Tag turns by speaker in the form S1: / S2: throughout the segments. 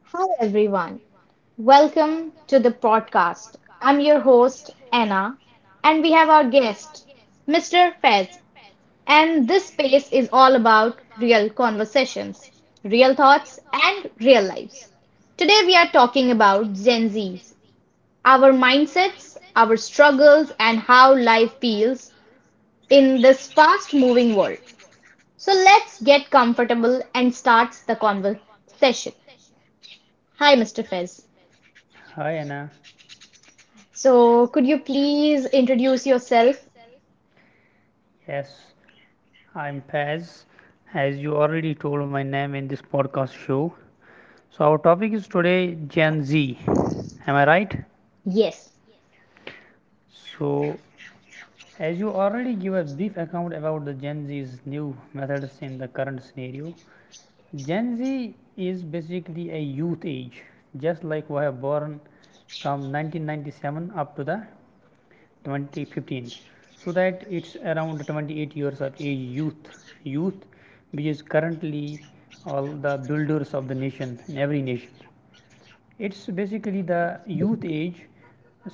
S1: Hi, everyone. Welcome to the podcast. I'm your host, Anna, and we have our guest, Mr. Fez. And this space is all about real conversations, real thoughts, and real lives. Today, we are talking about Gen Zs, our mindsets, our struggles, and how life feels in this fast moving world. So, let's get comfortable and start the conversation. Hi, Mr. Fez.
S2: Hi Anna.
S1: So, could you please introduce yourself?
S2: Yes, I'm Paz, as you already told my name in this podcast show. So our topic is today Gen Z. Am I right?
S1: Yes.
S2: So as you already give a brief account about the Gen Z's new methods in the current scenario, Gen Z is basically a youth age, just like we have born from 1997 up to the 2015, so that it's around 28 years of age youth youth which is currently all the builders of the nation in every nation. It's basically the youth age.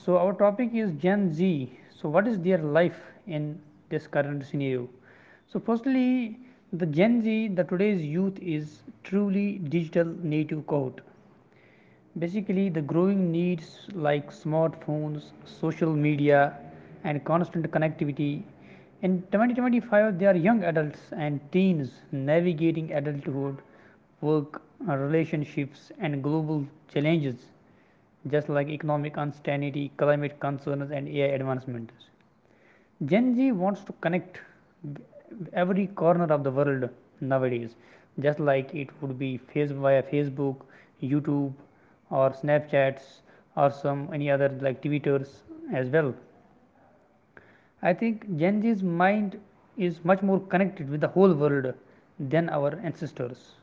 S2: So, our topic is Gen Z. So, what is their life in this current scenario? So, firstly, the Gen Z, the today's youth is truly digital native cohort. Basically, the growing needs like smartphones, social media, and constant connectivity. In 2025, they are young adults and teens navigating adulthood, work, relationships, and global challenges, just like economic uncertainty, climate concerns, and AI advancements. Gen Z wants to connect every corner of the world nowadays, just like it would be face via Facebook, YouTube, or Snapchats, or some any other like Twitters as well. I think Gen Z's mind is much more connected with the whole world than our ancestors.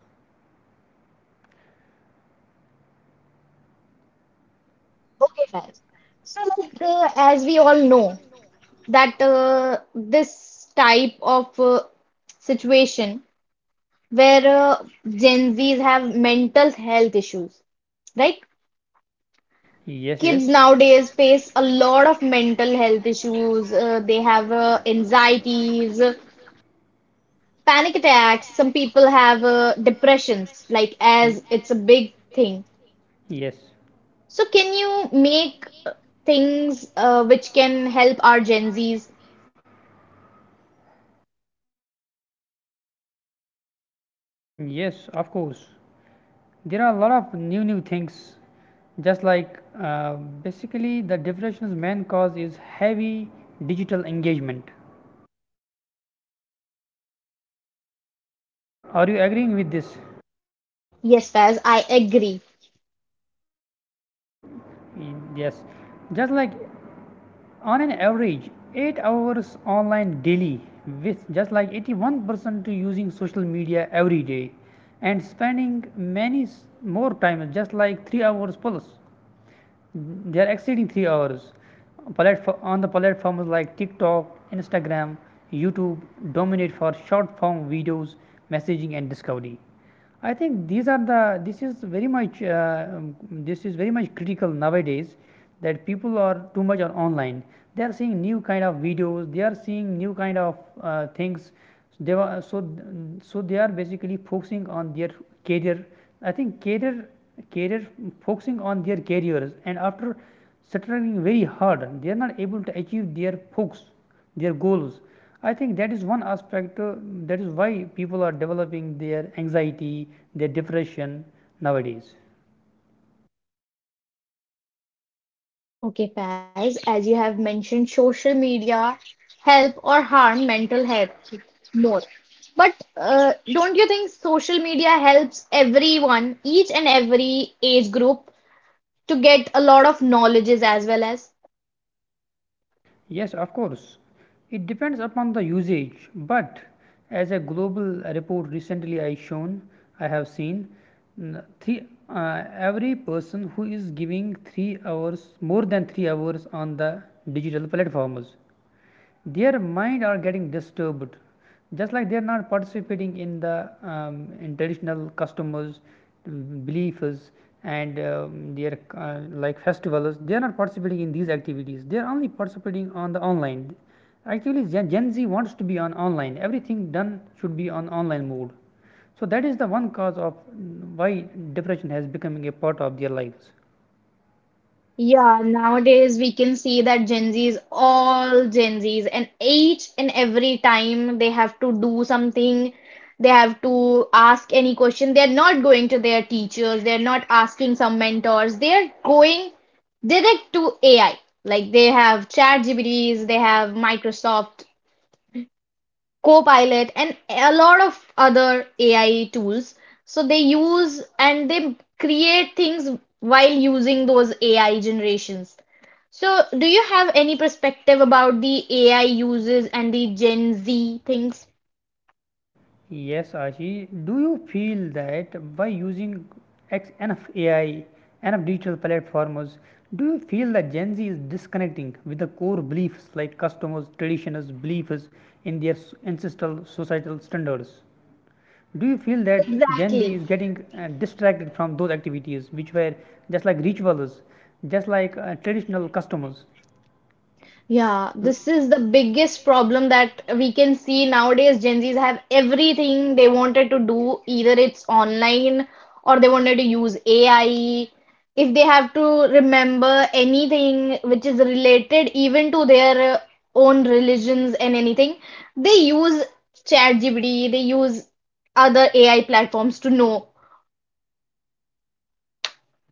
S1: Okay, guys. So, as we all know, that this type of situation where Gen Zs have mental health issues, right?
S2: Yes,
S1: Kids
S2: yes.
S1: nowadays face a lot of mental health issues. They have anxieties, panic attacks. Some people have depressions, like,
S2: Ye-
S1: as it's a big thing.
S2: Yes,
S1: So can you make things which can help our Gen Zs?
S2: yes, of course. There are a lot of new things. Just like uh, basically the depression's main cause is heavy digital engagement. Are you agreeing with this?
S1: Yes, Faz, I agree.
S2: Y- Yes. Just like on an average 8 hours online daily, with just like 81% using social media every day, and spending many more time, just like 3 hours plus, they are exceeding 3 hours. On the platforms like TikTok, Instagram, YouTube dominate for short form videos, messaging, and discovery. I think these are the this is very much this is very much critical nowadays, that people are too much on online. They are seeing new kind of videos. They are seeing new kind of things. They were so so they are basically focusing on their career. I think career career focusing on their careers, and after struggling very hard, they are not able to achieve their focus, their goals. I think that is one aspect. That is why people are developing their anxiety, their depression nowadays.
S1: Okay, Faz, as you have mentioned, social media help or harm mental health more. But don't you think social media helps everyone, each and every age group, to get a lot of knowledges as well as?
S2: Yes, of course. It depends upon the usage, but as a global report recently I shown, I have seen n- three, every person who is giving 3 hours, more than 3 hours, on the digital platforms, their mind are getting disturbed. Just like they are not participating in the in traditional customs, beliefs, and their like festivals, they are not participating in these activities. They are only participating on the online. Actually, Gen Z wants to be on online, everything done should be on online mode. So that is the one cause of, why depression has becoming a part of their lives.
S1: Yeah, nowadays we can see that Gen Zs, all Gen Zs, and each and every time they have to do something, they have to ask any question. They're not going to their teachers, they're not asking some mentors, they're going direct to AI. Like they have ChatGPTs, they have Microsoft Copilot and a lot of other AI tools. So they use and they create things while using those AI generations. So do you have any perspective about the AI uses and the Gen Z things?
S2: Yes, Ashi. Do you feel that by using X enough AI, enough digital platforms, do you feel that Gen Z is disconnecting with the core beliefs like customers, traditions, beliefs in their ancestral societal standards? Do you feel that Gen Z
S1: Exactly.
S2: is getting distracted from those activities which were just like rituals, just like traditional customs?
S1: Yeah, this is the biggest problem that we can see nowadays. Gen Zs have everything they wanted to do, either it's online or they wanted to use AI. If they have to remember anything which is related even to their own religions and anything, they use ChatGPT, they use other AI platforms to know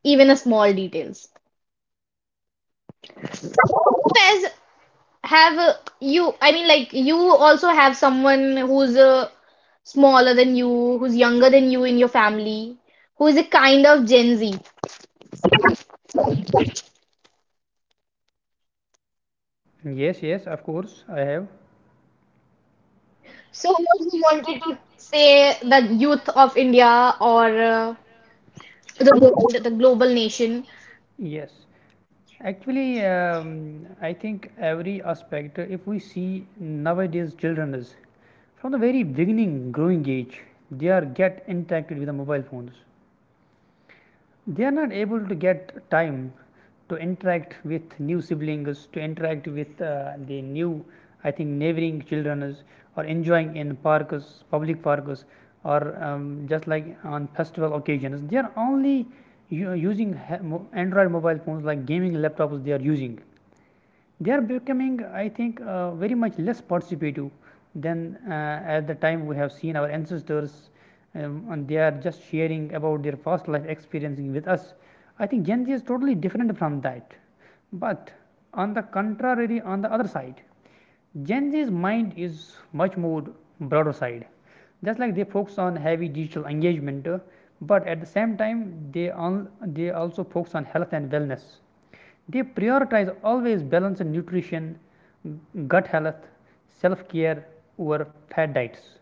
S1: even a small details. Faiz, I mean, like you also have someone who's smaller than you, who's younger than you in your family, who is a kind of Gen Z.
S2: Yes, yes, of course, I have.
S1: So, what you wanted to say, the youth of India or the world, the global nation,
S2: Yes. Actually, I think every aspect, if we see nowadays, children is from the very beginning growing age, they are get interacted with the mobile phones. They are not able to get time to interact with new siblings, to interact with the new, I think, neighboring children is, or enjoying in parks, public parks, or just like on festival occasions. They are only Android mobile phones like gaming laptops. They are using, they are becoming, I think, very much less participative than at the time we have seen our ancestors, and they are just sharing about their past life experiencing with us. I think Gen Z is totally different from that. But on the contrary, on the other side, Gen Z's mind is much more broader side. Just like they focus on heavy digital engagement, but at the same time, they also focus on health and wellness. They prioritize always balanced nutrition, gut health, self care over fad diets,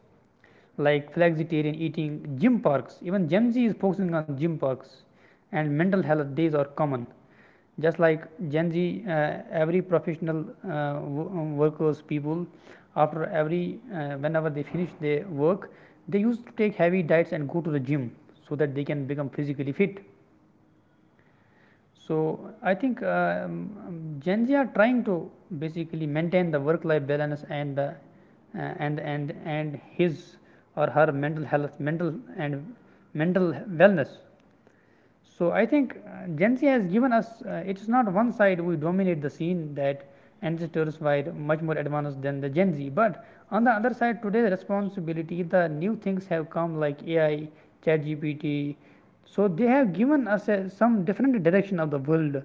S2: like flexitarian eating, gym parks. Even Gen Z is focusing on gym parks, and mental health days are common. Just like Gen Z, every professional, uh, workers people, after every, whenever they finish their work, they used to take heavy diets and go to the gym so that they can become physically fit. So, I think Gen Z are trying to basically maintain the work-life balance and the and his or her mental health, and mental wellness. So, I think Gen Z has given us, it is not one side we dominate the scene, that ancestors were much more advanced than the Gen Z, but on the other side, today's responsibility, the new things have come, like AI, ChatGPT. So they have given us a, some different direction of the world.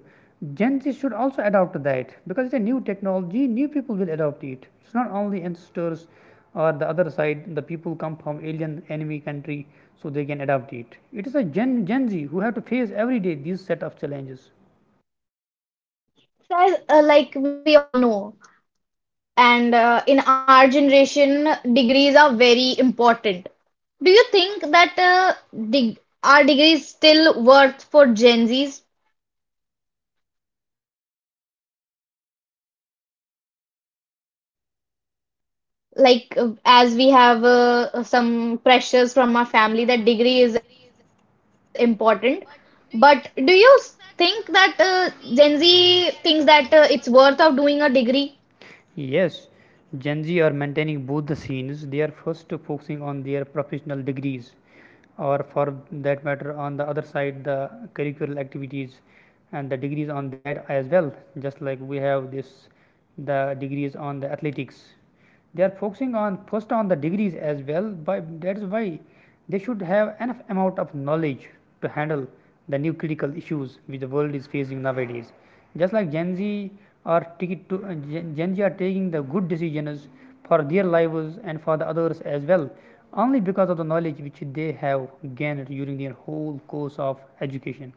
S2: Gen Z should also adopt that, because it's a new technology. New people will adopt it. It's not only ancestors or the other side. The people come from alien enemy country, so they can adopt it. It is a Gen Z who have to face every day these set of challenges.
S1: as, like we all know, and in our generation, degrees are very important. Do you think that deg- are degrees still worth for Gen Zs? Like as we have some pressures from our family that degree is important. But do you think that Gen Z thinks that it's worth of doing a degree?
S2: Yes, Gen Z are maintaining both the scenes. They are first focusing on their professional degrees, or for that matter, on the other side, the curricular activities and the degrees on that as well. Just like we have this, the degrees on the athletics, they are focusing on first on the degrees as well, by that is why they should have enough amount of knowledge to handle the new critical issues which the world is facing nowadays. Just like Gen Z are taking to, Gen Z are taking the good decisions for their lives and for the others as well, only because of the knowledge which they have gained during their whole course of education.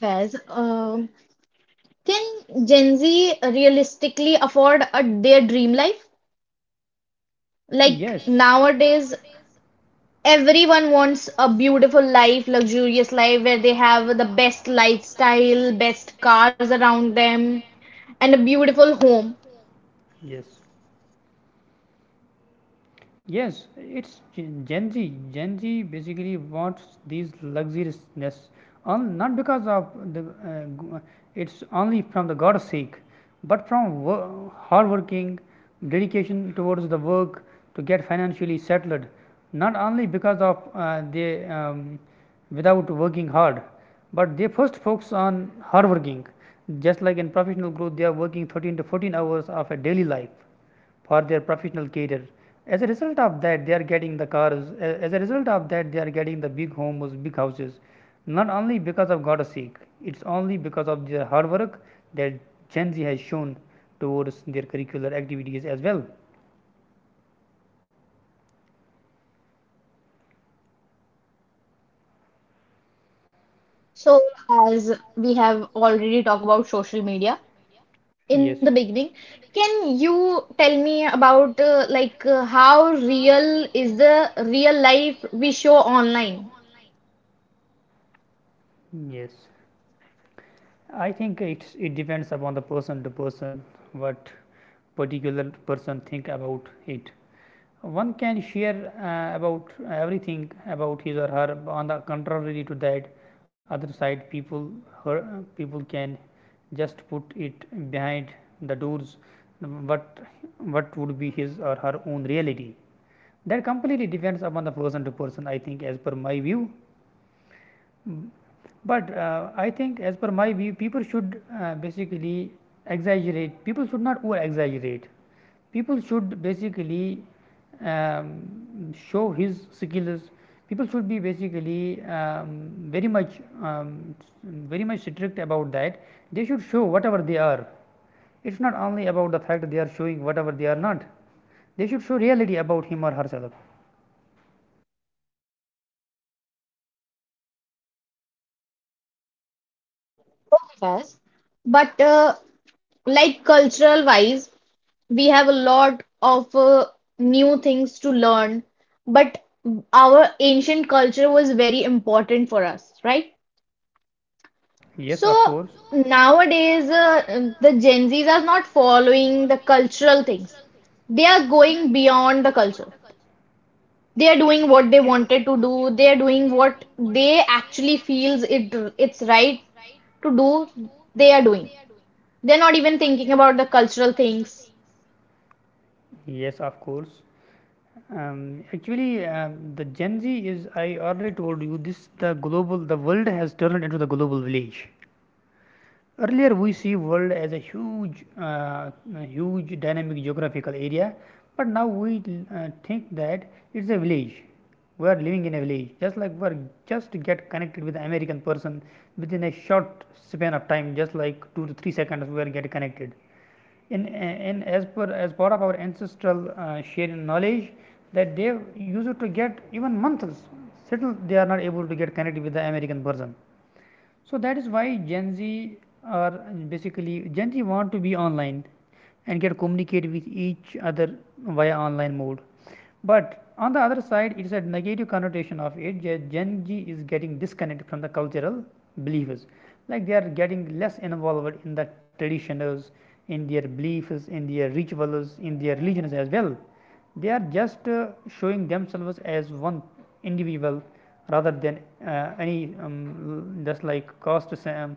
S1: Faiz, can Gen Z realistically afford a, their dream life? Like
S2: Yes.
S1: nowadays,
S2: Nowadays,
S1: everyone wants a beautiful life, luxurious life where they have the best lifestyle, best cars around them, and a beautiful home.
S2: yes. Yes, it's Gen Z. Gen Z basically wants these luxuriousness, on not because of the it's only from the God's sake, but from hard working, dedication towards the work to get financially settled. Not only because of, they, without working hard, but they first focus on hard working. Just like in professional growth, they are working 13 to 14 hours of a daily life for their professional career. As a result of that, they are getting the cars. As a result of that, they are getting the big homes, big houses. Not only because of God's sake, it's only because of their hard work that Gen Z has shown towards their curricular activities as well.
S1: So, as we have already talked about social media
S2: Yes,
S1: in the beginning, can you tell me about how real is the real life we show online?
S2: yes. I think it's, it depends upon the person to person what particular person think about it. One can share about everything about his or her. On the contrary to that, other side people, her people can just put it behind the doors what what would be his or her own reality. That completely depends upon the person to person, I think, as per my view. But I think, as per my view, people should basically exaggerate people should not over exaggerate. People should basically, um, show his skills. People should be basically very much um, very much strict about that. They should show whatever they are. It's not only about the fact they are showing whatever they are not. They should show reality about him or herself.
S1: Yes. But like cultural wise, we have a lot of new things to learn, but our ancient culture was very important for us, right?
S2: Yes, of
S1: So
S2: course.
S1: nowadays, the Gen Zs are not following the cultural things. They are going beyond the culture. They are doing what they wanted to do. They are doing what they actually feels it's right to do. They are doing. They're not even thinking about the cultural things.
S2: Yes, of course. Actually, the Gen Z is, I already told you, this the global, the world has turned into the global village. Earlier, we see world as a huge dynamic geographical area, but now we think that it's a village. We are living in a village, just like we are just get connected with the American person within a short span of time, just like 2 to 3 seconds, we are get connected in as per as part of our ancestral sharing knowledge that they used to get even months. Still, they are not able to get connected with the American person, so that is why gen z are gen z want to be online and get communicate with each other via online mode. But on the other side, it is a negative connotation of it. Gen z is getting disconnected from the cultural beliefs. Like they are getting less involved in the traditions, in their beliefs, in their rituals, in their religions as well. They are just showing themselves as one individual rather than any just like cost,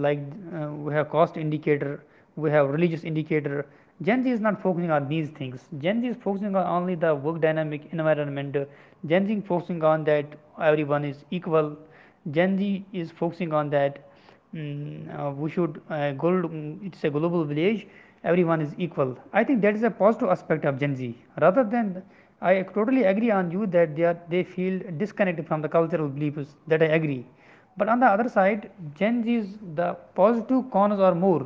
S2: like we have cost indicator, we have religious indicator. Gen z is not focusing on these things. Gen z is focusing on only the work dynamic environment. Gen Z focusing on that everyone is equal. Gen Z is focusing on that we should gold, it's a global village. Everyone is equal. I think that is a positive aspect of Gen Z. Rather than I totally agree on you that they feel disconnected from the cultural beliefs. That I agree. But on the other side, Gen Z is the positive cons are more.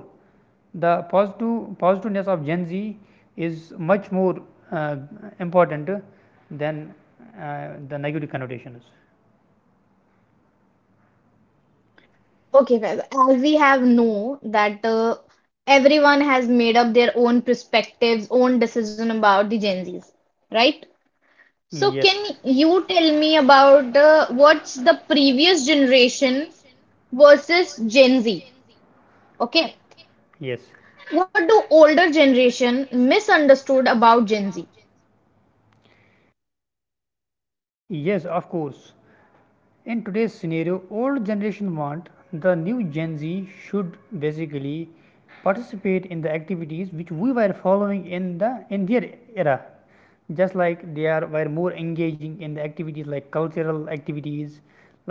S2: The positiveness of Gen Z is much more uh, important than the negative connotation is.
S1: Okay, Faiz, as we have know that everyone has made up their own perspectives, own decision about the Gen Zs, right? So
S2: Yes.
S1: can you tell
S2: So
S1: me about the what's the previous generation versus Gen Z? Okay.
S2: yes,
S1: What do older generation misunderstood about Gen Z?
S2: yes, of course. In today's scenario, old generation want the new gen z should basically participate in the activities which we were following in their era. Just like they are were more engaging in the activities like cultural activities.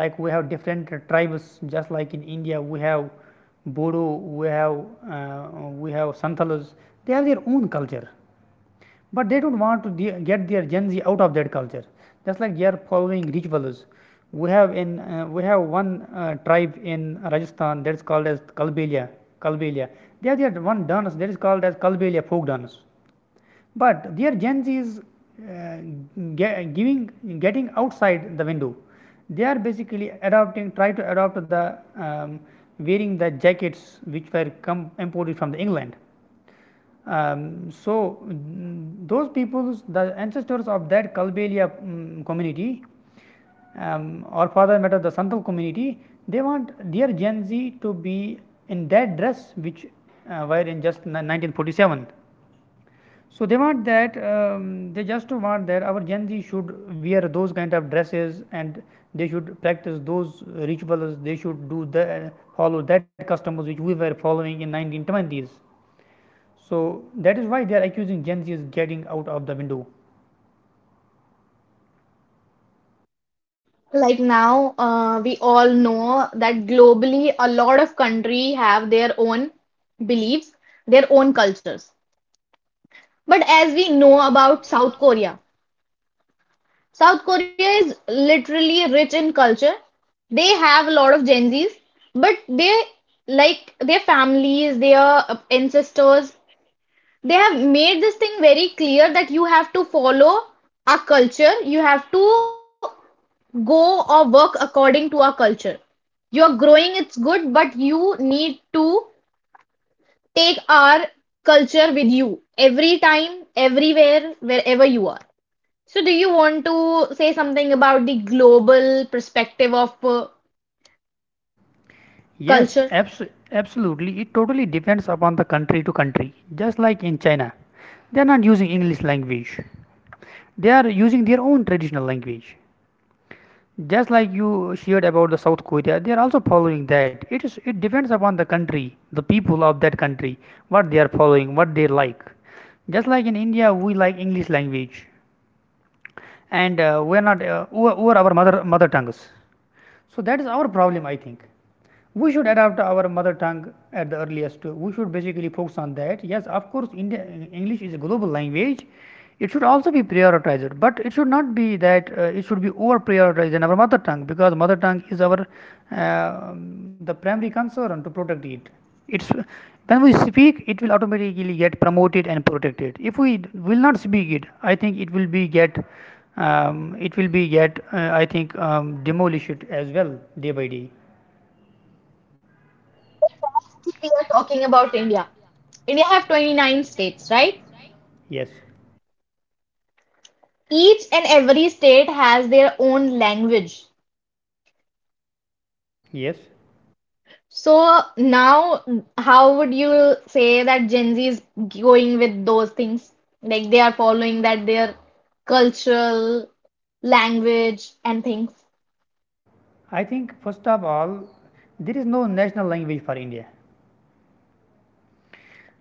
S2: Like we have different tribes. Just like in india we have bodo, we have we have santalas. They have their own culture, but they don't want to get their Gen Z out of that culture. Just like they are following rituals. We have in we have one tribe in Rajasthan that's called as Kalbelia. Kalbelia. They have their one dance that is called as Kalbelia folk dance. But their Gen Z is uh, ge- giving getting outside the window. They are basically adopting, try to adopt the um, wearing the jackets which were come imported from the England. Those peoples, the ancestors of that Kalbelia community, or for that matter the Santal community, they want their Gen Z to be in that dress which were in just 1947. So, they want that they just want that our Gen Z should wear those kind of dresses, and they should practice those rituals, they should do the follow that customs which we were following in 1920s. So that is why they are accusing Gen Z is getting out of the window.
S1: Like now, we all know that globally a lot of country have their own beliefs, their own cultures. But as we know about South Korea, South Korea is literally rich in culture. They have a lot of Gen Zs, but they like their families, their ancestors, they have made this thing very clear that you have to follow our culture, you have to go or work according to our culture. You're growing, it's good, but you need to take our culture with you every time, everywhere, wherever you are. So, do you want to say something about the global perspective of
S2: Yes,
S1: culture?
S2: absolutely. It totally depends upon the country to country. Just like in China, they are not using English language. They are using their own traditional language. Just like you shared about the South Korea, they are also following that. It depends upon the country, the people of that country, what they are following, what they like. Just like in India, we like English language, and we are not over our mother tongues. So that is our problem, I think. We should adapt our mother tongue at the earliest. We should basically focus on that. Yes, of course, India, English is a global language. It should also be prioritized, but it should not be that it should be over prioritized in our mother tongue, because mother tongue is our uh, the primary concern to protect it. It's when we speak, it will automatically get promoted and protected. If we will not speak it, I think it will be get it will be get I think demolished as well, day by day.
S1: We are talking about India. India have 29 states, right?
S2: Yes.
S1: Each and every state has their own language.
S2: Yes,
S1: So now, how would you say that Gen Z is going with those things? Like they are following that their cultural language and things.
S2: I think first of all, there is no national language for India.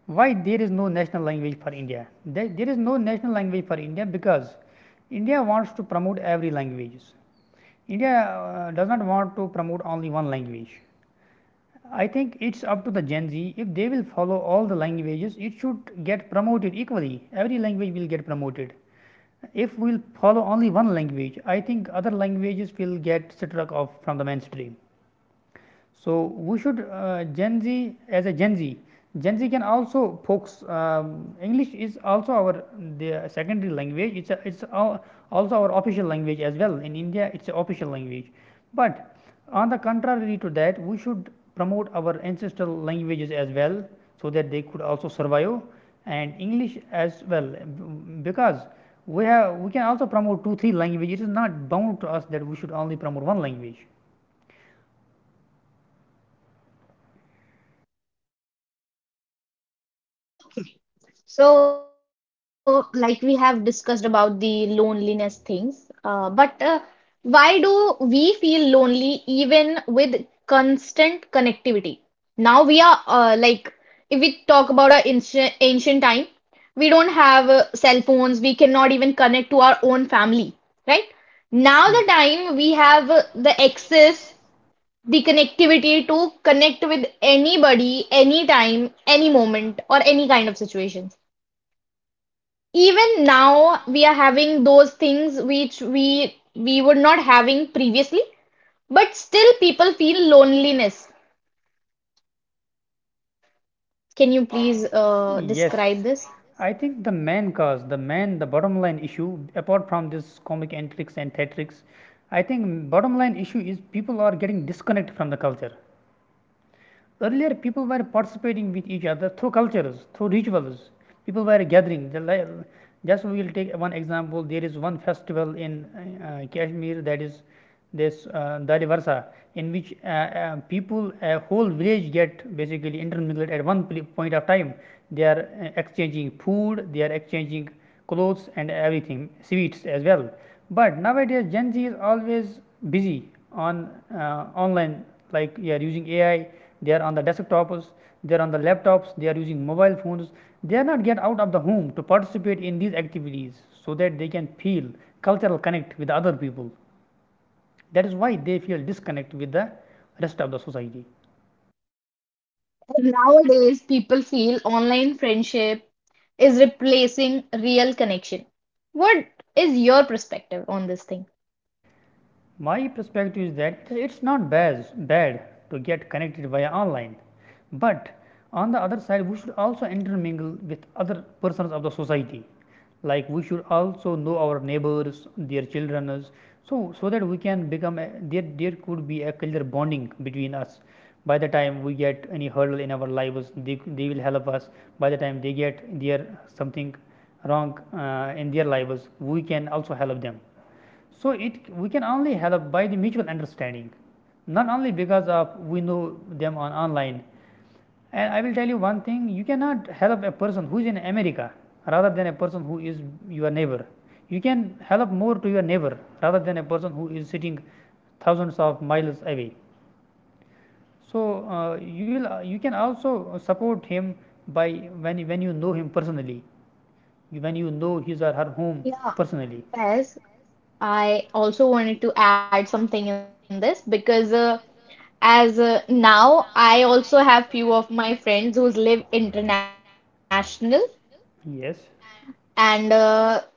S2: Why there is no national language for India? There is no national language for India because India wants to promote every languages. India does not want to promote only one language. I think it's up to the Gen Z. If they will follow all the languages, it should get promoted equally. Every language will get promoted. If we'll follow only one language, I think other languages will get struck off from the mainstream. So, we should Gen Z, Gen Z can also focus. English is also our the secondary language. It's also our official language as well. In India, it's an official language. But on the contrary to that, we should promote our ancestral languages as well, so that they could also survive, and English as well, because we can also promote two or three languages. It is not bound to us that we should only promote one language.
S1: So, like we have discussed about the loneliness things, but why do we feel lonely even with constant connectivity? Now we are like, if we talk about our ancient time, we don't have cell phones, we cannot even connect to our own family, right? Now
S2: Yes.
S1: the time we have the access, the connectivity to connect with anybody, anytime, any moment, or any kind of situations even now we are having those things which we were not having previously, but still people feel loneliness. Can you please
S2: Yes.
S1: describe this?
S2: Describe I think the main cause, the bottom line issue, apart from this comic antics and theatrics, I think bottom line issue is people are getting disconnected from the culture. Earlier, people were participating with each other through cultures, through rituals. People were gathering. Just we will take one example. There is one festival in Kashmir, that is this Dali Varsa, in which people, a whole village, get basically intermingled at one point of time. They are exchanging food. They are exchanging clothes and everything, sweets as well. But nowadays, Gen Z is always busy on online, like they are using AI, they are on the desktops, they are on the laptops, they are using mobile phones. They are not get out of the home to participate in these activities so that they can feel cultural connect with other people. That is why they feel disconnect with the rest of the society.
S1: Nowadays, people feel online friendship is replacing real connection. What is your perspective on this thing?
S2: My perspective is that it's not bad to get connected via online, but on the other side we should also intermingle with other persons of the society. Like we should also know our neighbors, their children, so that we can become a, there could be a clear bonding between us. By the time we get any hurdle in our lives, they will help us. By the time they get their something wrong in their lives, we can also help them. So it We can only help by the mutual understanding, not only because of we know them on online. And I will tell you one thing: you cannot help a person who is in America rather than a person who is your neighbor. You can help more to your neighbor rather than a person who is sitting thousands of miles away. So you can also support him by when you know him personally, when you know his or her home
S1: Yeah.
S2: personally.
S1: Yes, I also wanted to add something in this because as now, I also have few of my friends who live international,
S2: Yes.
S1: and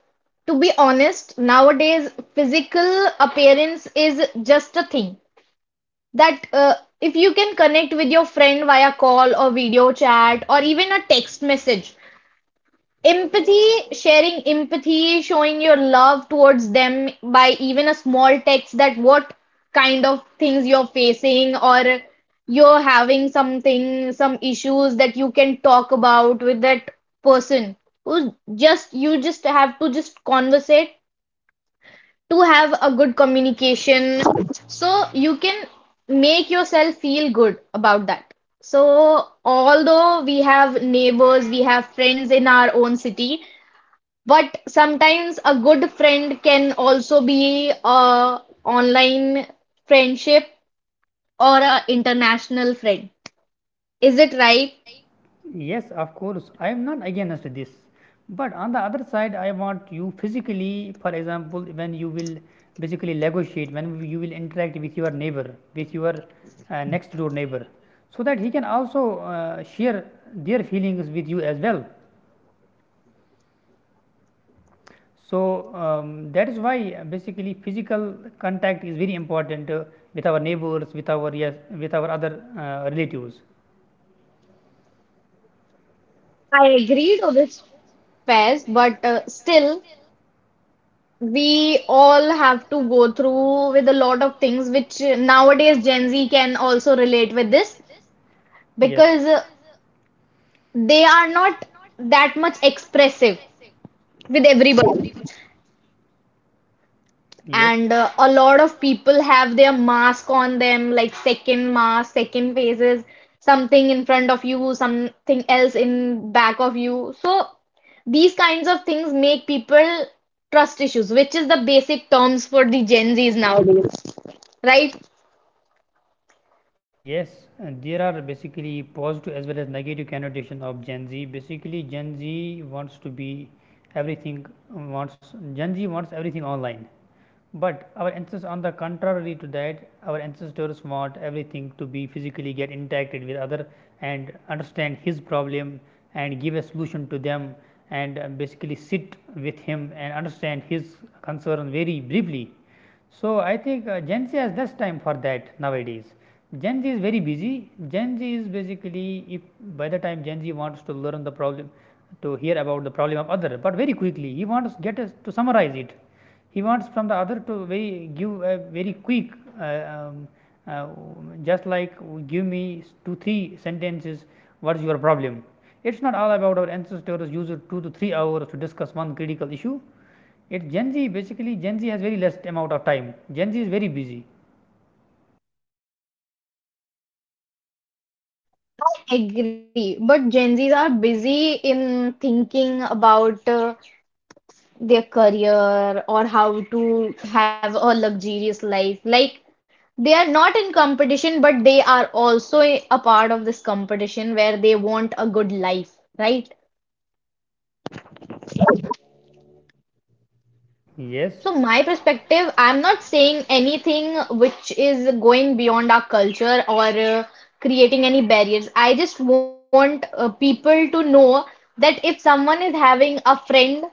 S1: to be honest, nowadays physical appearance is just a thing that if you can connect with your friend via call or video chat or even a text message, empathy, sharing empathy, showing your love towards them by even a small text that what kind of things you're facing or you're having something, some issues that you can talk about with that person who's just you just have to just conversate to have a good communication so you can make yourself feel good about that. So, although we have neighbors, we have friends in our own city, but sometimes a good friend can also be a online friendship or a international friend. Is it right?
S2: Yes, of course. I am not against this. But on the other side, I want you physically, for example, when you will basically negotiate, when you will interact with your neighbor, with your next door neighbor, so that he can also share their feelings with you as well. So that is why basically physical contact is very important with our neighbors, with our yes, with our other relatives.
S1: I agree to this, Faiz, but still, we all have to go through with a lot of things which nowadays Gen Z can also relate with this
S2: Yes,
S1: because they are not that much expressive with everybody,
S2: yes,
S1: and a lot of people have their mask on them, like second faces, something in front of you, something else in back of you. So these kinds of things make people trust issues, which is the basic terms for the Gen Z's nowadays, right?
S2: Yes, there are basically positive as well as negative connotation of Gen Z. Basically, Gen Z wants to be everything wants Gen Z wants everything online. But our ancestors, on the contrary to that, our ancestors want everything to be physically get interacted with other, and understand his problem, and give a solution to them, and basically sit with him and understand his concern very briefly. So, I think Gen Z has less time for that nowadays. Gen Z is very busy. Gen Z is basically if by the time Gen Z wants to learn the problem, to hear about the problem of other, but very quickly he wants get us to summarize it. He wants from the other to very give a very quick uh, um, uh, just like give me two or three sentences, what's your problem. It's not all about our ancestors used two to three hours to discuss one critical issue. It gen z basically Gen z has very less amount of time, gen z is very busy.
S1: Agree, but Gen Z's are busy in thinking about their career or how to have a luxurious life. Like they are not in competition, but they are also a part of this competition where they want a good life, right?
S2: Yes,
S1: So my perspective, I'm not saying anything which is going beyond our culture or creating any barriers. I just want people to know that if someone is having a friend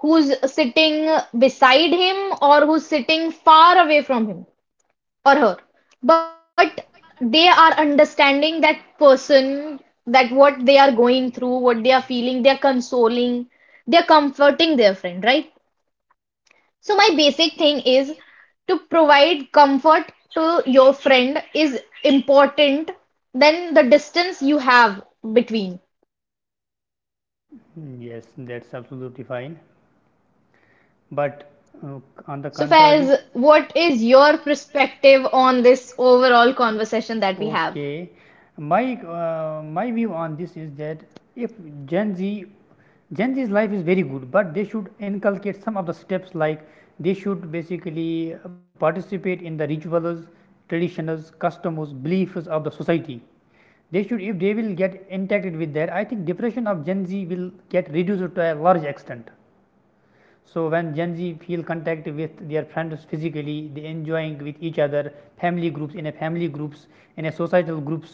S1: who's sitting beside him or who's sitting far away from him, or her, but they are understanding that person, that what they are going through, what they are feeling, they are consoling, they are comforting their friend, right? So my basic thing is to provide comfort to your friend is important than the distance you have between.
S2: yes, that's absolutely fine. But uh, on the
S1: So Faiz,
S2: contrary,
S1: what is your perspective on this overall conversation that
S2: had?
S1: we have
S2: Okay, my view on this is that if Gen Z, Gen Z's life is very good, but they should inculcate some of the steps. Like they should basically participate in the rituals, traditions, customs, beliefs of the society. They should, if they will get impacted with that, I think depression of Gen Z will get reduced to a large extent. So when Gen Z feel contact with their friends physically, they enjoying with each other, family groups, in a societal groups,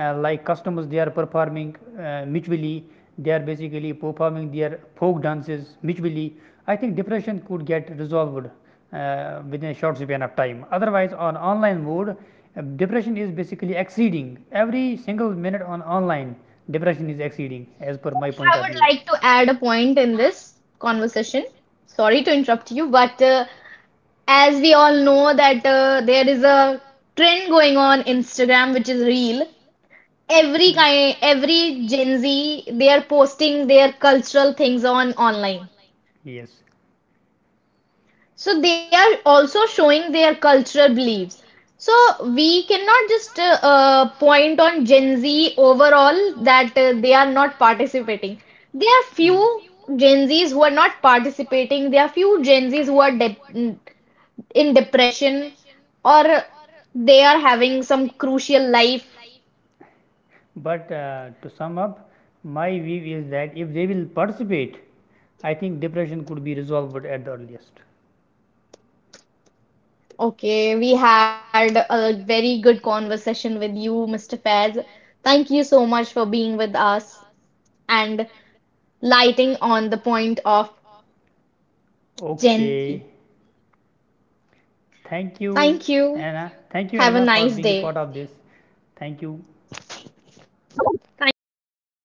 S2: like customers they are performing mutually. They are basically performing their folk dances mutually. I think depression could get resolved within a short span of time. Otherwise, on online mode, depression is basically exceeding every single minute on online. Depression is exceeding, as per my point
S1: I
S2: of
S1: would
S2: view. I
S1: like to add a
S2: would
S1: point in this conversation. Sorry to interrupt you, but as we all know that there is a trend going on Instagram which is real. Every
S2: Hmm.
S1: kind, every Gen Z, they are posting their cultural things on online.
S2: Online yes.
S1: So they are also showing their cultural beliefs. So we cannot just point on Gen Z overall that they are not participating. There are
S2: Mm.
S1: few Gen Zs who are not participating. There are few Gen Zs who are de in depression or they are having some crucial life.
S2: But to sum up, my view is that if they will participate, I think depression could be resolved at the earliest.
S1: Okay, we had a very good conversation with you, Mr. Faiz. Thank you so much for being with us and lighting on the point of Gen Z.
S2: Okay. Thank you,
S1: Thank you.
S2: Anna. Thank you,
S1: Have a
S2: Anna, for
S1: nice
S2: being a
S1: day.
S2: part of this. Thank you.
S1: Thank you, Mr. Faiz.